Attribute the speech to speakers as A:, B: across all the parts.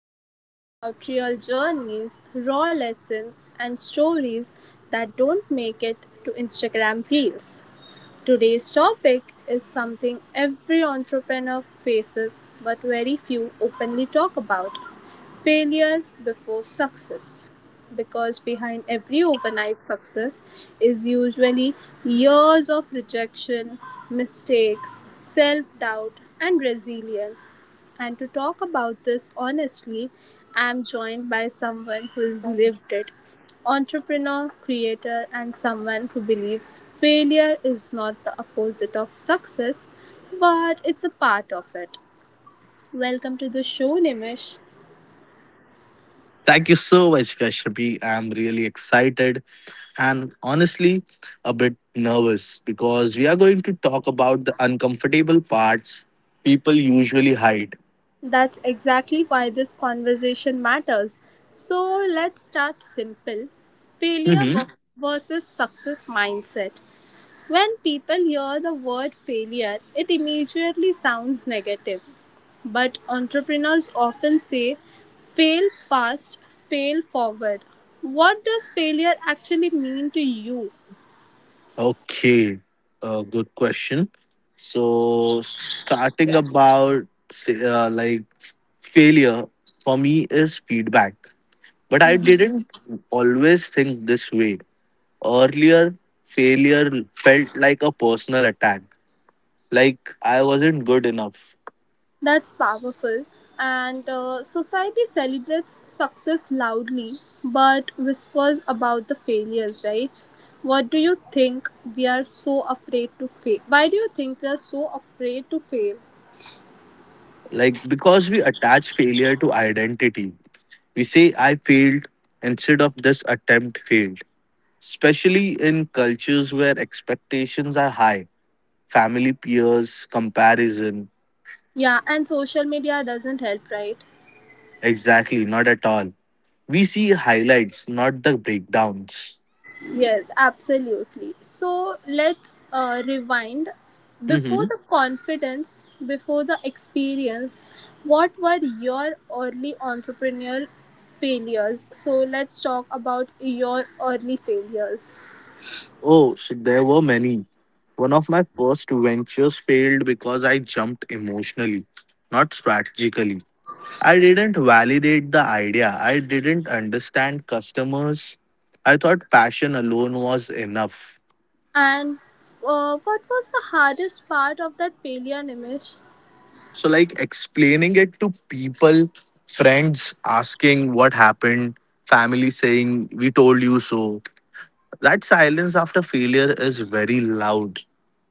A: where we talk about real journeys, raw lessons, and stories that don't make it to Instagram Reels. Today's topic is something every entrepreneur faces, but very few openly talk about. Failure before success, because behind every overnight success is usually years of rejection, mistakes, self doubt, and resilience. And to talk about this honestly, I'm joined by someone who has lived it, entrepreneur, creator, and someone who believes failure is not the opposite of success, but it's a part of it. Welcome to the show, Nimish.
B: Thank you so much, Kashyapi. I'm really excited and honestly a bit nervous because we are going to talk about the uncomfortable parts people usually hide.
A: That's exactly why this conversation matters. So let's start simple. Failure
B: Mhm.
A: ver- versus success mindset. When people hear the word failure, it immediately sounds negative. But entrepreneurs often say fail fast, fail forward. What does failure actually mean to you?
B: Okay, good question. So, starting about say, like failure for me is feedback, but I didn't always think this way. Earlier, failure felt like a personal attack, like I wasn't good enough.
A: That's powerful. And society celebrates success loudly but whispers about the failures, right? What do you think we are so afraid to fail? Why do you think we are so afraid to fail?
B: Like, because we attach failure to identity, we say I failed instead of this attempt failed, especially in cultures where expectations are high: family, peers, comparison.
A: Yeah, and social media doesn't help, right?
B: Exactly, not at all. We see highlights, not the breakdowns.
A: Yes, absolutely. So let's rewind. Before
B: hmm
A: the confidence, before the experience, what were your early entrepreneurial failures? So let's talk about your early failures.
B: oh, so there were many. One of my first ventures failed because I jumped emotionally, not strategically. I didn't validate the idea. I didn't understand customers. I thought passion alone was enough.
A: And what was the hardest part of that failure, Nimish?
B: So, like, explaining it to people, friends asking what happened, family saying, "We told you so." That silence after failure is very loud.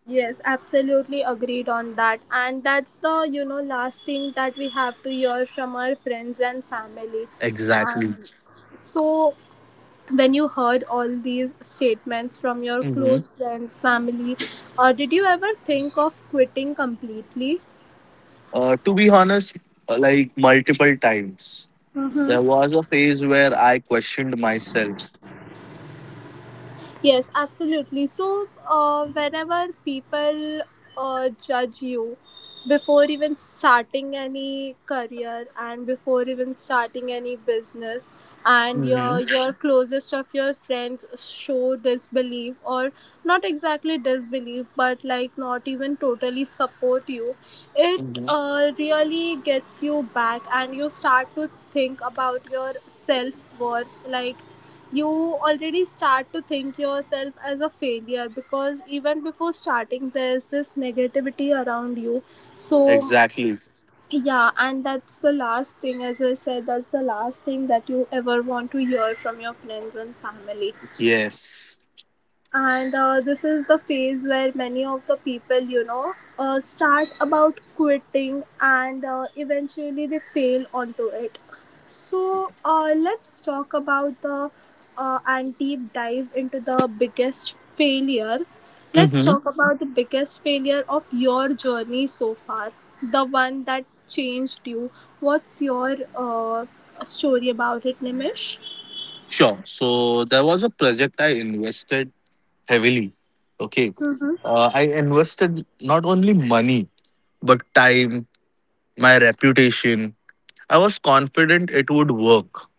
A: Yes, absolutely agreed on that. And that's the, you know, last thing that we have to hear from our friends and family.
B: Exactly.
A: So when you heard all these statements from your
B: hmm
A: close friends, family, or did you ever think of quitting completely?
B: To be honest, like multiple times, there was a phase where I questioned myself.
A: Yes, absolutely. So, whenever people judge you before even starting any career and before even starting any business, and your
B: hmm
A: your closest of your friends show disbelief or not exactly disbelief, but like not even totally support you, it
B: hmm
A: really gets you back, and you start to think about your self worth, like you already start to think yourself as a failure because even before starting there's this negativity around you. So
B: Exactly.
A: yeah, and that's the last thing, as I said, that's the last thing that you ever want to hear from your friends and family.
B: Yes.
A: And this is the phase where many of the people, you know, start about quitting, and eventually they fail onto it. So let's talk about the and deep dive into the biggest failure. Let's
B: Mm-hmm.
A: talk about the biggest failure of your journey so far, the one that changed you. What's your story about it, Nimish?
B: Sure. So there was a project I invested heavily. Okay.
A: Mm-hmm.
B: I invested not only money, but time, my reputation. I was confident it would work.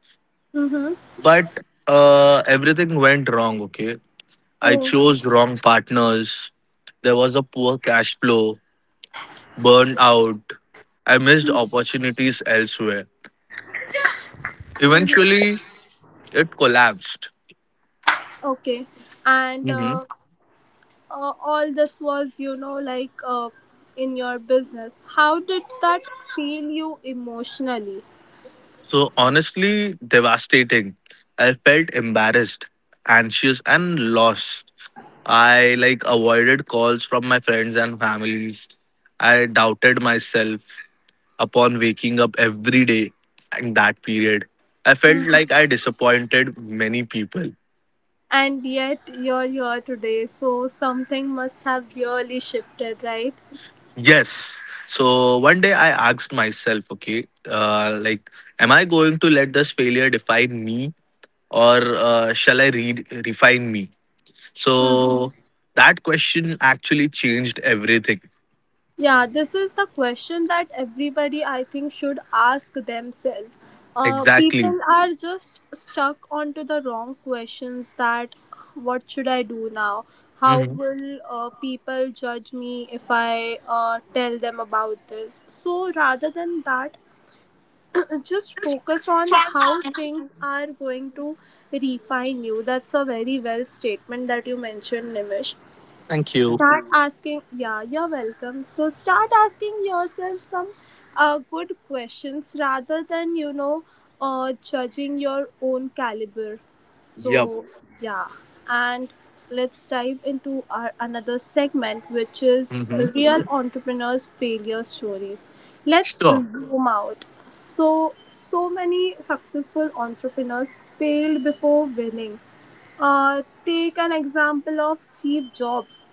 A: Mm-hmm.
B: But everything went wrong. Okay. I
A: Oh.
B: chose wrong partners. There was a poor cash flow, burnout. I missed opportunities elsewhere. Eventually, it collapsed.
A: Okay. And
B: Mm-hmm.
A: all this was, you know, like in your business. How did that feel you emotionally?
B: So honestly, devastating. I felt embarrassed, anxious, and lost. I like avoided calls from my friends and families. I doubted myself upon waking up every day in that period. I felt like
A: Mhm.
B: I disappointed many people.
A: And yet you're here today. So something must have really shifted, right?
B: Yes. So one day I asked myself, okay, am I going to let this failure define me or shall I read refine me? So that question actually changed everything.
A: Yeah, this is the question that everybody, I think, should ask themselves.
B: Exactly.
A: People are just stuck onto the wrong questions, that what should I do now? How
B: hmm
A: will people judge me if I tell them about this? So rather than that, just focus on how things are going to refine you. That's a very well statement that you mentioned, Nimish.
B: Thank you.
A: Start asking, yeah, you're welcome, so start asking yourself some good questions rather than, you know, judging your own caliber.
B: Yep.
A: So yeah, and let's dive into our another segment, which is
B: hmm
A: real entrepreneurs failure stories. Let's
B: Sure.
A: zoom out. So so many successful entrepreneurs failed before winning. Uh, take an example of Steve Jobs.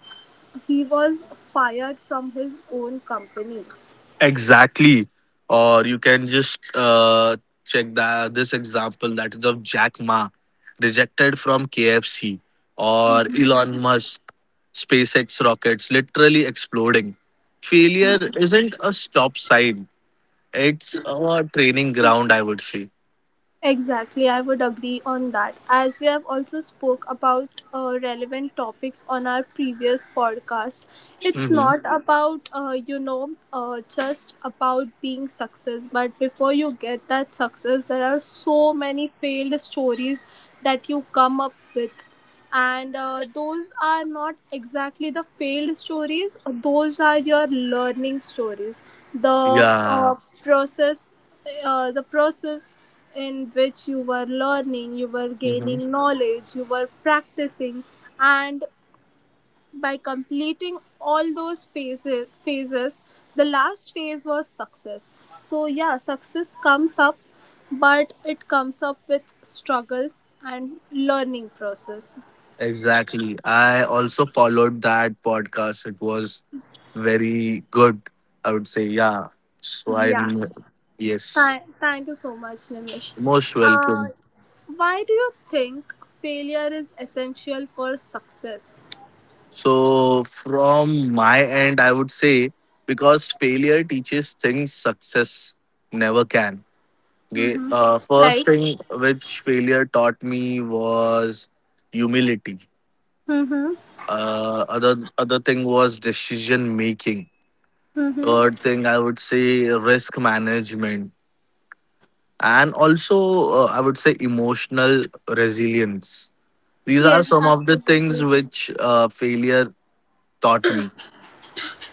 A: He was fired from his own company.
B: Exactly. Or you can just check that this example that is of Jack Ma rejected from KFC, or Elon Musk SpaceX rockets literally exploding. Failure isn't a stop sign. It's a training ground, I would say.
A: Exactly, I would agree on that. As we have also spoke about relevant topics on our previous podcast, it's
B: hmm
A: not about you know, just about being success, but before you get that success, there are so many failed stories that you come up with. And those are not exactly the failed stories, those are your learning stories. The
B: Yeah.
A: uh, process the process in which you were learning, you were
B: Mm-hmm.
A: gaining knowledge, you were practicing, and by completing all those phases, the last phase was success. So, yeah, success comes up, but it comes up with struggles and learning process.
B: Exactly. I also followed that podcast. It was very good, I would say. Yeah. So I,
A: Yeah. Th-
B: yes,
A: thank you so much, Nimish.
B: most
A: Uh,
B: welcome.
A: why do you think failure is essential for success?
B: So from my end, I would say because failure teaches things success never can. Okay.
A: Mm-hmm.
B: First
A: Like,
B: thing which failure taught me was humility.
A: mm-hmm,
B: Other thing was decision making.
A: mm-hmm.
B: Third thing I would say risk management, and also I would say emotional resilience. These are
A: Yes,
B: some of the things
A: absolutely.
B: which failure taught me.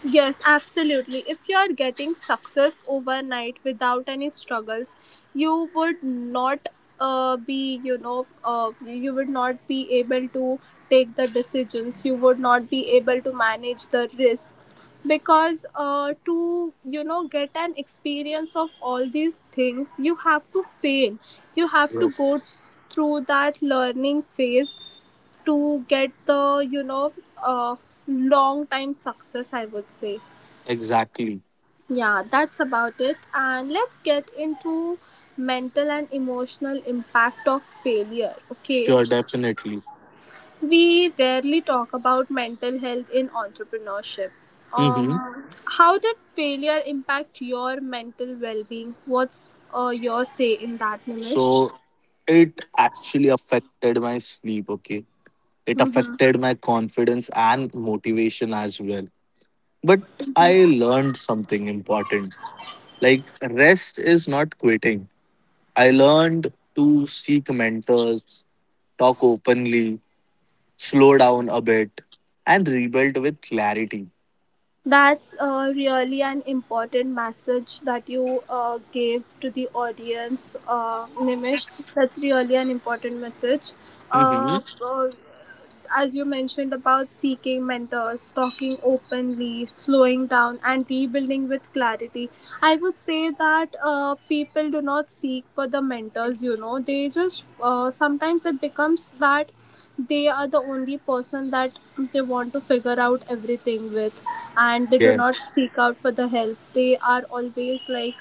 A: Yes, absolutely. If you are getting success overnight without any struggles, you would not you know, you would not be able to take the decisions, you would not be able to manage the risks, because to, you know, get an experience of all these things you have to fail. You have to go
B: Yes,
A: through that learning phase to get the, you know, uh, long time success, I would say.
B: exactly.
A: Yeah, that's about it. And let's get into mental and emotional impact of failure. Okay,
B: Sure, definitely.
A: we rarely talk about mental health in entrepreneurship. Um,
B: hmm
A: how did failure impact your mental well-being? What's your say in that, Nimish?
B: so it actually affected my sleep. Okay, it
A: Mm-hmm.
B: affected my confidence and motivation as well. But I learned something important, like rest is not quitting. I learned to seek mentors, talk openly, slow down a bit, and rebuild with clarity.
A: That's really an important message that you gave to the audience, Nimish. That's really an important message.
B: hmm
A: Uh, uh, as you mentioned about seeking mentors, talking openly, slowing down, and rebuilding with clarity, I would say that people do not seek for the mentors, you know, they just sometimes it becomes that they are the only person that they want to figure out everything with, and they do not
B: Yes,
A: seek out for the help. They are always like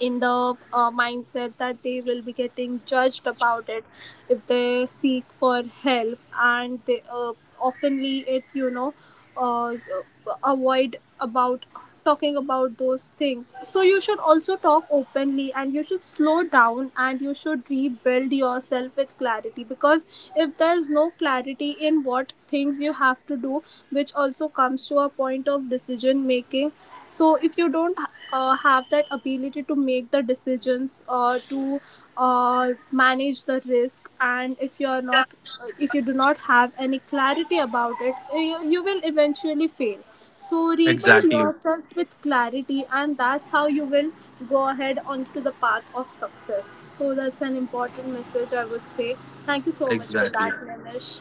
A: in the mindset that they will be getting judged about it if they seek for help, and they oftenly, it, you know, uh, avoid about talking about those things. So you should also talk openly and you should slow down and you should rebuild yourself with clarity, because if there's no clarity in what things you have to do, which also comes to a point of decision making, so if you don't have that ability to make the decisions, or to manage the risk, and if you are not, if you do not have any clarity about it, you will eventually fail. So rebuild
B: exactly.
A: yourself with clarity, and that's how you will go ahead onto the path of success. So that's an important message, I would say. Thank you so much for
B: Exactly.
A: that, Nimish.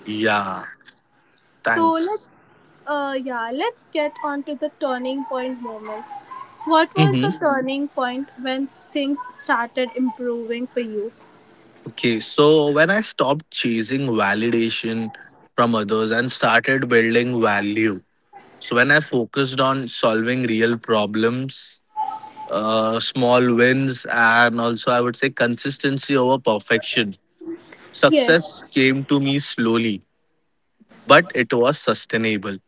B: Yeah,
A: So
B: thanks.
A: let's, yeah, let's get on to the turning point moments. What was
B: hmm
A: the turning point when things started improving for you?
B: Okay, so when I stopped chasing validation from others and started building value, so when I focused on solving real problems, small wins, and also I would say consistency over perfection,
A: Yes.
B: success came to me slowly, but it was sustainable.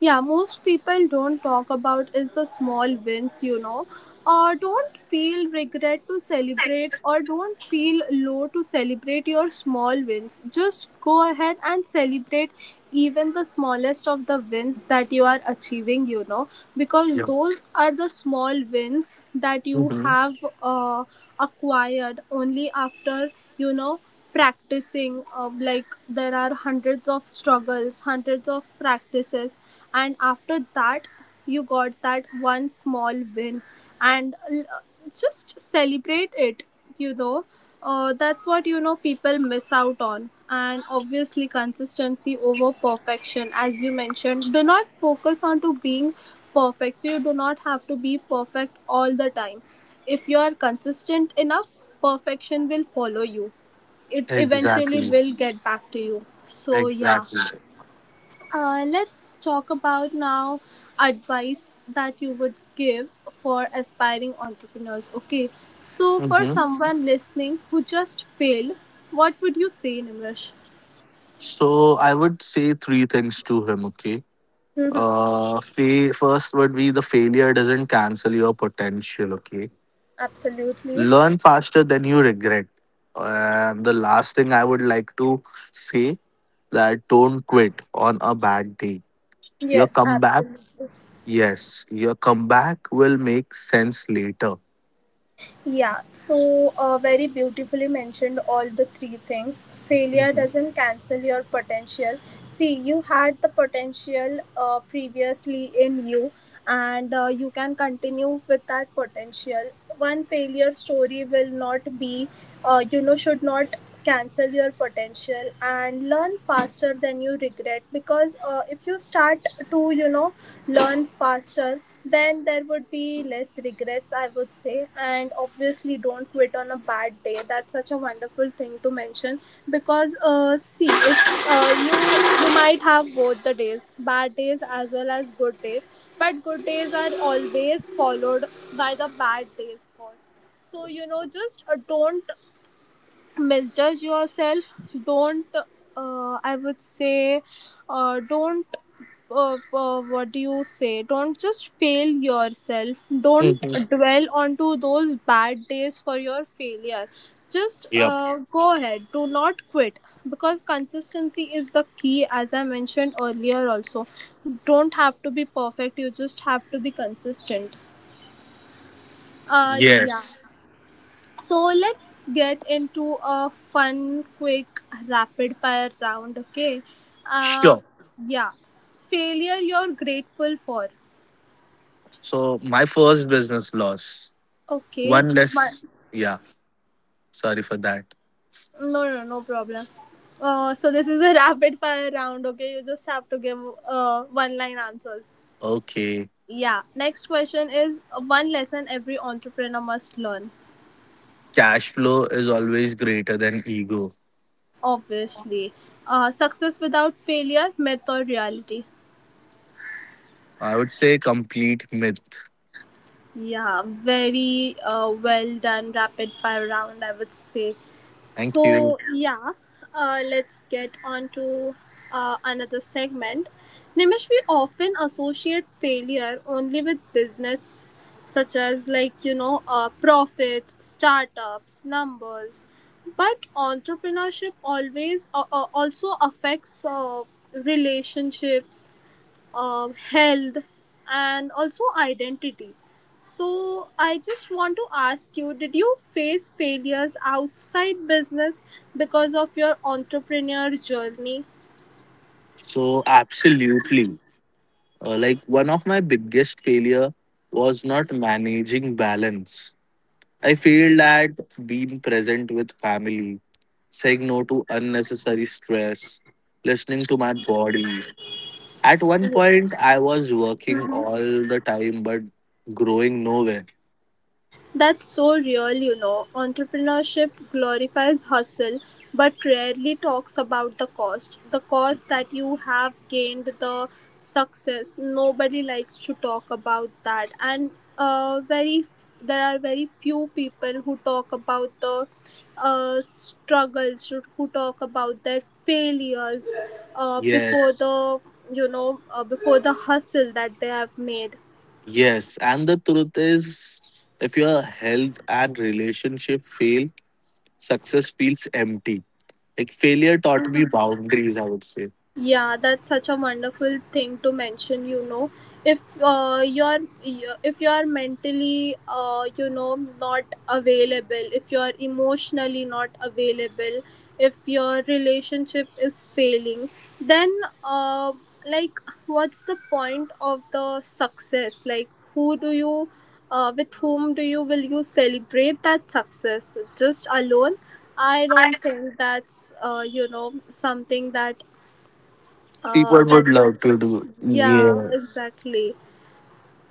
A: Yeah, most people don't talk about is the small wins, you know, or don't feel regret to celebrate, or don't feel low to celebrate your small wins. Just go ahead and celebrate even the smallest of the wins that you are achieving, you know, because those are the small wins that you
B: Yeah.
A: have uh, acquired only after, you know, practicing, like there are hundreds of struggles, hundreds of practices, and after that you got that one small win, and just celebrate it, you know. That's what, you know, people miss out on. And obviously consistency over perfection, as you mentioned, do not focus on to being perfect. So you do not have to be perfect all the time. If you are consistent enough, perfection will follow you. It eventually
B: Exactly.
A: will get back to you. So, yeah.
B: Exactly.
A: Exactly. Let's talk about now advice that you would give for aspiring entrepreneurs. Okay. So, for
B: hmm
A: someone listening who just failed, what would you say, Nimrish?
B: So I would say three things to him. Okay. First would be the failure doesn't cancel your potential. Okay.
A: Absolutely.
B: Learn faster than you regret. And the last thing I would like to say that don't quit on a bad day. Your
A: Yes,
B: comeback,
A: absolutely.
B: yes, your comeback will make sense later.
A: Yeah, so very beautifully mentioned all the three things. Failure
B: Mhm.
A: doesn't cancel your potential. See, you had the potential previously in you, and you can continue with that potential. One failure story will not be, you know, should not cancel your potential. And learn faster than you regret, because if you start to, you know, learn faster, then there would be less regrets, I would say. And obviously, don't quit on a bad day. That's such a wonderful thing to mention, because, see, if you might have both the days, bad days as well as good days, but good days are always followed by the bad days first. So, you know, just don't misjudge yourself. Don't I would say don't what do you say don't just fail yourself. Don't
B: Mhm.
A: dwell onto those bad days for your failure. Just
B: Yep.
A: go ahead, do not quit, because consistency is the key, as I mentioned earlier also. Don't have to be perfect, you just have to be consistent. Uh, yeah.
B: Yes.
A: So let's get into a fun, quick, rapid fire round, okay? Uh,
B: Sure.
A: yeah. Failure you're grateful for.
B: So my first business loss.
A: Okay.
B: One
A: But
B: less. Yeah. Sorry for that.
A: no, no, no problem. So this is a rapid fire round, okay? You just have to give one line answers.
B: Okay.
A: Yeah. Next question is one lesson every entrepreneur must learn.
B: Cash flow is always greater than ego.
A: Obviously. Success without failure, myth or reality?
B: I would say complete myth.
A: Yeah, very well done rapid fire round, I would say.
B: Thank you.
A: So, yeah, let's get on to another segment. Nimish, we often associate failure only with business, such as profits, startups, numbers. But entrepreneurship always also affects relationships, health, and also identity. So I just want to ask you, did you face failures outside business because of your entrepreneur journey?
B: So absolutely. Like one of my biggest failure was not managing balance. I failed at being present with family, saying no to unnecessary stress, listening to my body. At one point, I was working all the time but growing nowhere.
A: That's so real, you know. Entrepreneurship glorifies hustle but rarely talks about the cost. The cost that you have gained, the success. Nobody likes to talk about that. And very there are very few people who talk about the struggles, who talk about their failures uh,
B: Yes,
A: before the before the hustle that they have made.
B: yes. And the truth is, if your health and relationship fail, success feels empty. Like failure taught me boundaries, I would say.
A: Yeah, that's such a wonderful thing to mention, you know. If you're mentally, not available, if you're emotionally not available, if your relationship is failing, then, uh, like what's the point of the success? Like, who do you, with whom do you, will you celebrate that success? Just alone? I don't think that's something that,
B: People would
A: that would,
B: love to do.
A: yeah,
B: Yes.
A: exactly.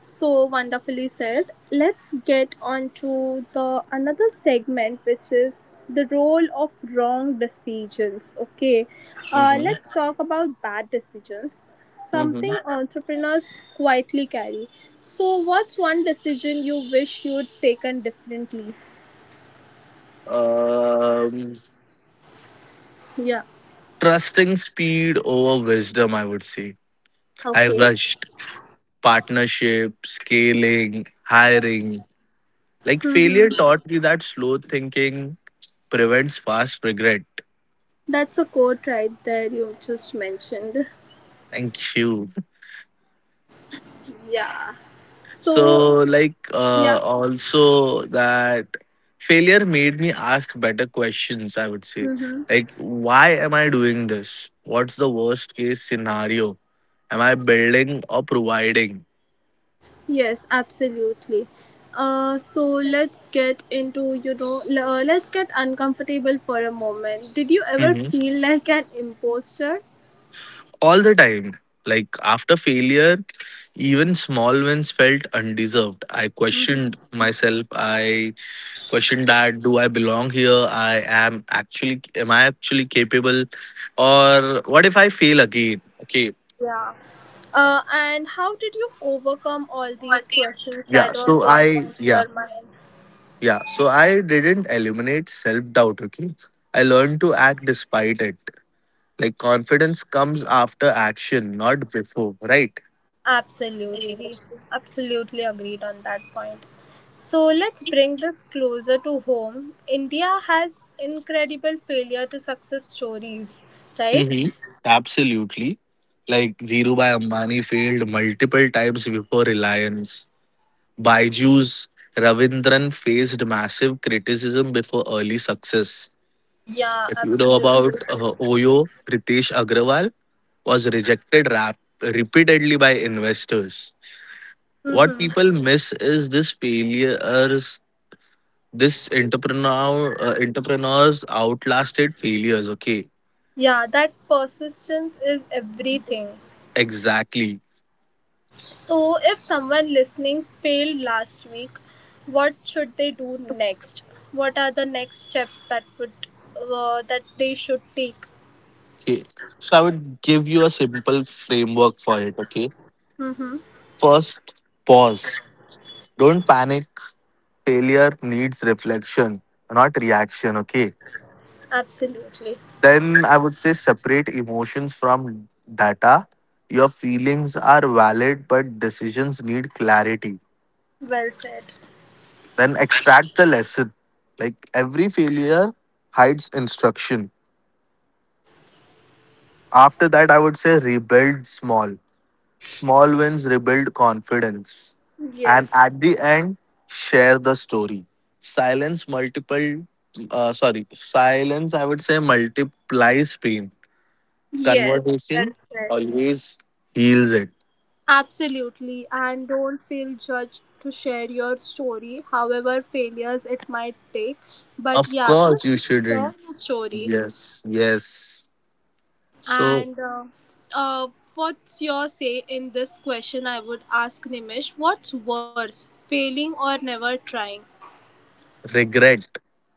A: So wonderfully said. Let's get on to the another segment, which is the role of wrong decisions. Okay,
B: Mm-hmm.
A: let's talk about bad decisions, something
B: Mm-hmm.
A: entrepreneurs quietly carry. So, what's one decision you wish you'd taken differently?
B: Um,
A: Yeah.
B: trusting speed over wisdom, I would say. I
A: Okay.
B: rushed partnership, scaling, hiring. Like failure
A: Hmm.
B: taught me that slow thinking prevents fast regret.
A: That's a quote right there you just mentioned.
B: Thank you.
A: Yeah.
B: So,
A: So, yeah.
B: also that failure made me ask better questions, I would say. Like, why am I doing this? What's the worst case scenario? Am I building or providing?
A: Yes, absolutely. So let's get into, you know, let's get uncomfortable for a moment. Did you ever
B: Mhm.
A: feel like an imposter?
B: All the time. Like, after failure, even small wins felt undeserved. I questioned myself. I questioned that do I belong here? Am I actually capable? Or what if I fail again? Okay.
A: Yeah. And how did you overcome all these questions
B: Yeah,
A: that were
B: so
A: going
B: I
A: on to
B: yeah,
A: your mind?
B: yeah. So I didn't eliminate self-doubt, okay? I learned to act despite it. Like confidence comes after action, not before, right?
A: Absolutely. Absolutely agreed on that point. So let's bring this closer to home. India has incredible failure to success stories, right?
B: Mm-hmm. Absolutely. Like Dhirubhai Ambani failed multiple times before Reliance. Baiju's Ravindran faced massive criticism before early success.
A: Yeah,
B: If you know
A: absolutely.
B: about Oyo, Ritesh Agrawal was repeatedly by investors. What
A: Mm-hmm.
B: people miss is this failures, this entrepreneurs outlasted failures. Okay,
A: Yeah, that persistence is everything.
B: exactly.
A: So, if someone listening failed last week, what should they do next? What are the next steps that would, that they should take?
B: Okay, so I would give you a simple framework for it. Okay,
A: Mm-hmm.
B: first, pause, don't panic. Failure needs reflection, not reaction. Okay,
A: Absolutely.
B: then I would say separate emotions from data. Your feelings are valid, but decisions need clarity.
A: Well said.
B: Then extract the lesson. Like every failure hides instruction. After that, I would say rebuild small. Small wins rebuild confidence. And
A: Yes.
B: at the end, share the story. Silence multiple, Silence, I would say, multiplies pain.
A: Yes. Well
B: Conversation
A: said.
B: always heals it.
A: Absolutely. And don't feel judged to share your story, however failures it might take. But
B: Of
A: yeah,
B: course, you
A: just share
B: shouldn't.
A: your story.
B: Yes, yes. So
A: And uh, what's your say in this question? I would ask Nimish, what's worse, failing or never trying?
B: regret.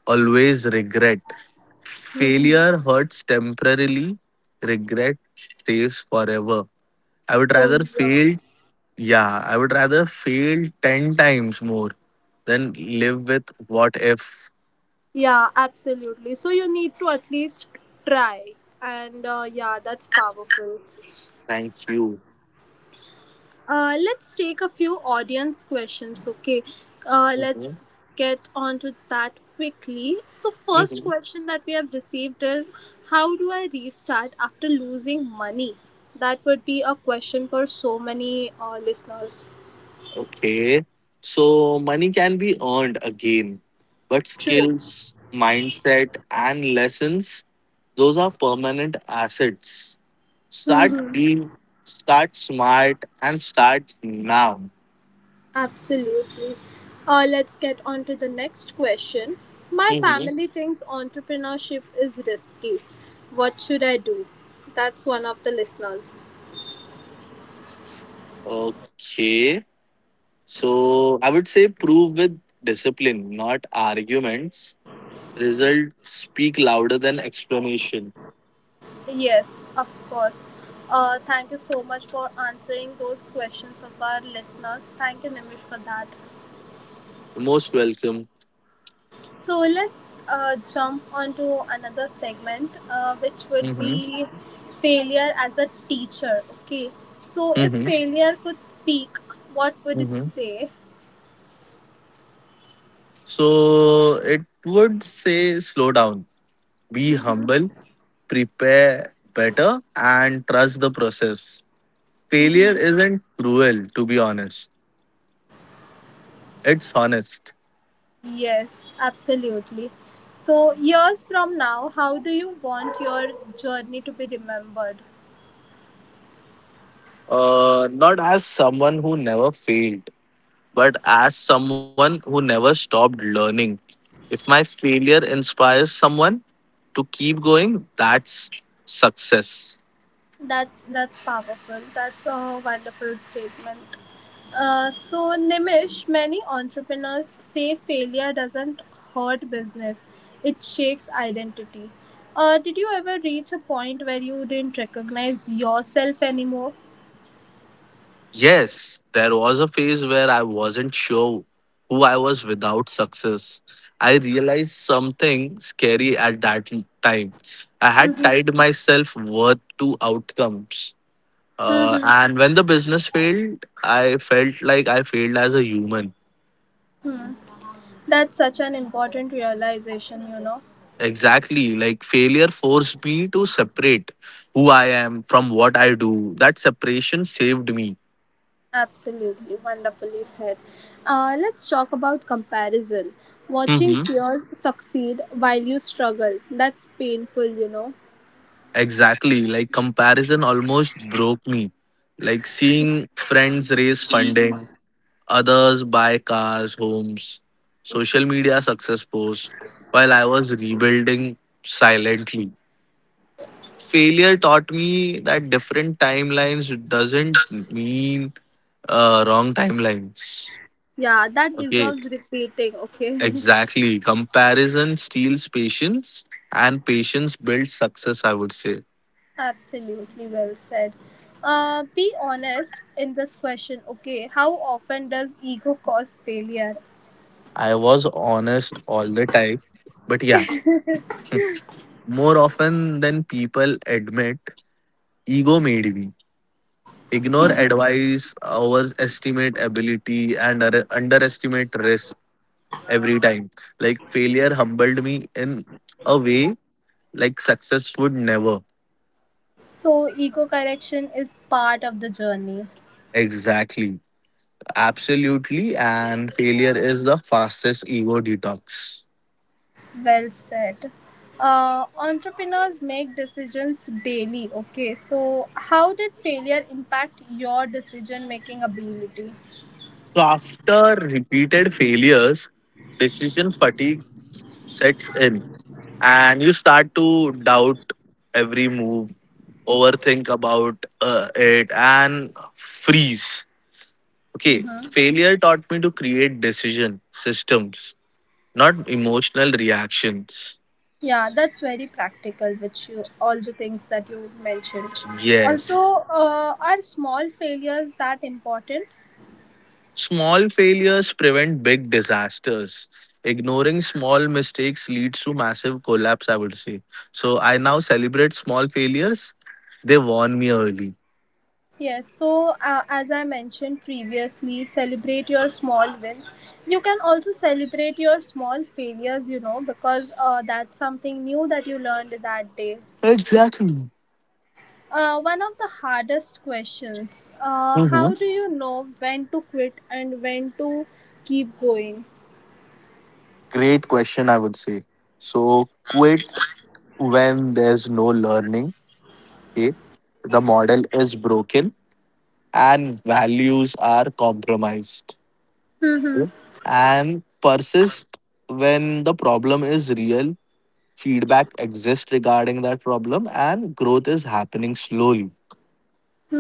B: Always regret.
A: Mhm.
B: Failure hurts temporarily, regret stays forever. I would
A: So,
B: rather
A: yeah.
B: fail, yeah, I would rather fail 10 times more than live with what if.
A: Yeah, absolutely. So, you need to at least try. And yeah, that's powerful.
B: Thanks, you.
A: Let's take a few audience questions, okay? Uh,
B: Mhm.
A: let's get on to that quickly. So, first question that we have received is, how do I restart after losing money? That would be a question for so many listeners.
B: Okay. So money can be earned again, but
A: True.
B: skills, mindset, and lessons, those are permanent assets. Start
A: Mm-hmm.
B: being, start smart, and start now.
A: Absolutely. Let's get on to the next question. My
B: Mhm.
A: family thinks entrepreneurship is risky. What should I do? That's one of the listeners.
B: Okay. So I would say prove with discipline, not arguments. Results speak louder than explanation.
A: Yes, of course. Thank you so much for answering those questions of our listeners. Thank you, Nimish, for that.
B: Most welcome.
A: So let's jump onto another segment, which
B: Mm-hmm.
A: would be failure as a teacher. Okay. So if
B: Mm-hmm.
A: failure could speak, what would it say?
B: So it would say slow down, be humble, prepare better, and trust the process. Failure isn't cruel, to be honest. It's honest.
A: Yes, absolutely. So years from now, how do you want your journey to be remembered?
B: Not as someone who never failed, but as someone who never stopped learning. If my failure inspires someone to keep going, that's success.
A: That's powerful. That's a wonderful statement. So Nimish, many entrepreneurs say failure doesn't hurt business; it shakes identity. Did you ever reach a point where you didn't recognize yourself anymore?
B: Yes, there was a phase where I wasn't sure who I was without success. I realized something scary at that time. I had
A: Mm-hmm.
B: tied myself worth to outcomes.
A: Mm-hmm.
B: And when the business failed, I felt like I failed as a human.
A: That's such an important realization, you know.
B: Exactly, like failure forced me to separate who I am from what I do. That separation saved me.
A: Absolutely, wonderfully said. Let's talk about comparison. Watching
B: Mm-hmm.
A: peers succeed while you struggle. That's painful, you know.
B: Exactly. Like comparison almost broke me. Like seeing friends raise funding, others buy cars, homes, social media success posts, while I was rebuilding silently. Failure taught me that different timelines doesn't mean wrong timelines.
A: Yeah, that
B: Okay,
A: deserves repeating, okay?
B: exactly. Comparison steals patience, and patience builds success, I would say.
A: Absolutely well said. Be honest in this question, okay? How often does ego cause failure?
B: I was honest all the time. But yeah, more often than people admit, ego made me ignore advice, overestimate ability, and underestimate risk every time. Like failure humbled me in a way like success would never.
A: So, ego correction is part of the journey.
B: Exactly. Absolutely. And failure is the fastest ego detox.
A: Well said. Entrepreneurs make decisions daily. Okay, so how did failure impact your decision making ability?
B: So after repeated failures, decision fatigue sets in and you start to doubt every move, overthink about it, and freeze. Okay,
A: Mm-hmm.
B: failure taught me to create decision systems, not emotional reactions.
A: Yeah, that's very practical, which you all the things that you mentioned.
B: Yes.
A: Also, are small failures that important?
B: Small failures prevent big disasters. Ignoring small mistakes leads to massive collapse, I would say. So I now celebrate small failures, they warn me early.
A: Yes, so as I mentioned previously, celebrate your small wins. You can also celebrate your small failures, you know, because that's something new that you learned that day.
B: Exactly.
A: One of the hardest questions. How do you know when to quit and when to keep going?
B: Great question, I would say. So quit when there's no learning. Okay. The model is broken and values are compromised. Okay?
A: Mm-hmm.
B: And persist when the problem is real, feedback exists regarding that problem, and growth is happening slowly.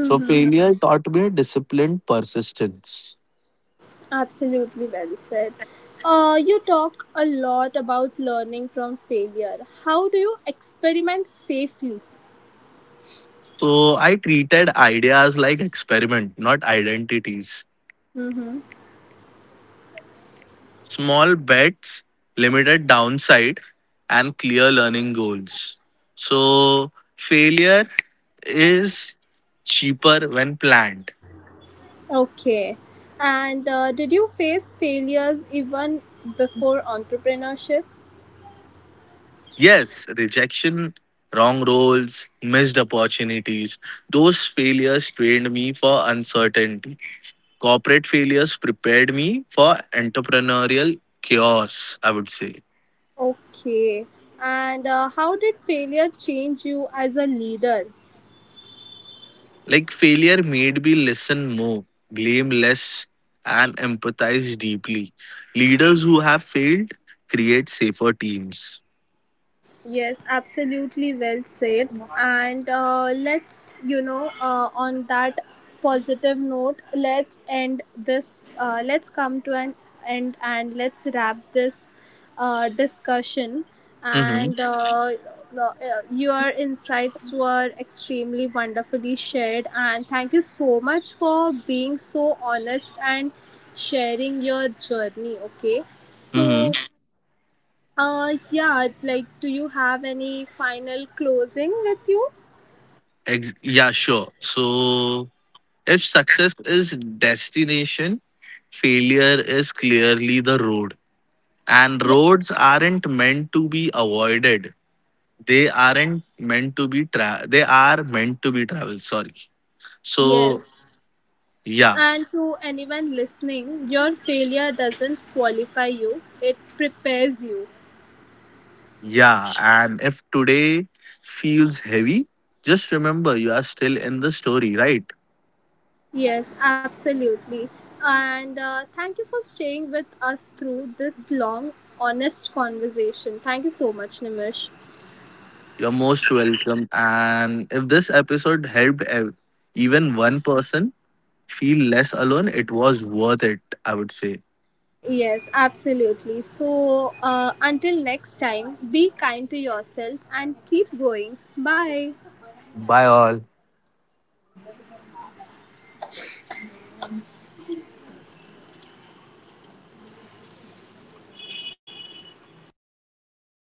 B: So failure taught me disciplined persistence.
A: Absolutely well said. You talk a lot about learning from failure. How do you experiment safely?
B: So I treated ideas like experiment, not identities.
A: Mm-hmm.
B: Small bets, limited downside, and clear learning goals. So, failure is cheaper when planned.
A: Okay. And did you face failures even before entrepreneurship?
B: Yes, rejection, wrong roles, missed opportunities, those failures trained me for uncertainty. Corporate failures prepared me for entrepreneurial chaos, I would say.
A: Okay. And how did failure change you as a leader?
B: Like failure made me listen more, blame less, and empathize deeply. Leaders who have failed create safer teams.
A: Yes, absolutely well said. And on that positive note, let's end this, let's come to an end and let's wrap this discussion.
B: Mm-hmm.
A: And uh, your insights were extremely wonderfully shared. And thank you so much for being so honest and sharing your journey. Okay. So,
B: Mm-hmm.
A: yeah, like, do you have any final closing with you?
B: Yeah, sure. So if success is destination, failure is clearly the road. And
A: Yeah,
B: roads aren't meant to be avoided. They aren't meant to be tra- They are meant to be traveled. Sorry.
A: yes.
B: So yeah.
A: And to anyone listening, your failure doesn't qualify you, it prepares you.
B: Yeah, and if today feels heavy, just remember you are still in the story, right?
A: Yes, absolutely. And thank you for staying with us through this long, honest conversation. Thank you so much, Nimish.
B: You're most welcome. And if this episode helped even one person feel less alone, it was worth it, I would say.
A: Yes, absolutely. So, until next time, be kind to yourself and keep going. Bye.
B: Bye, all.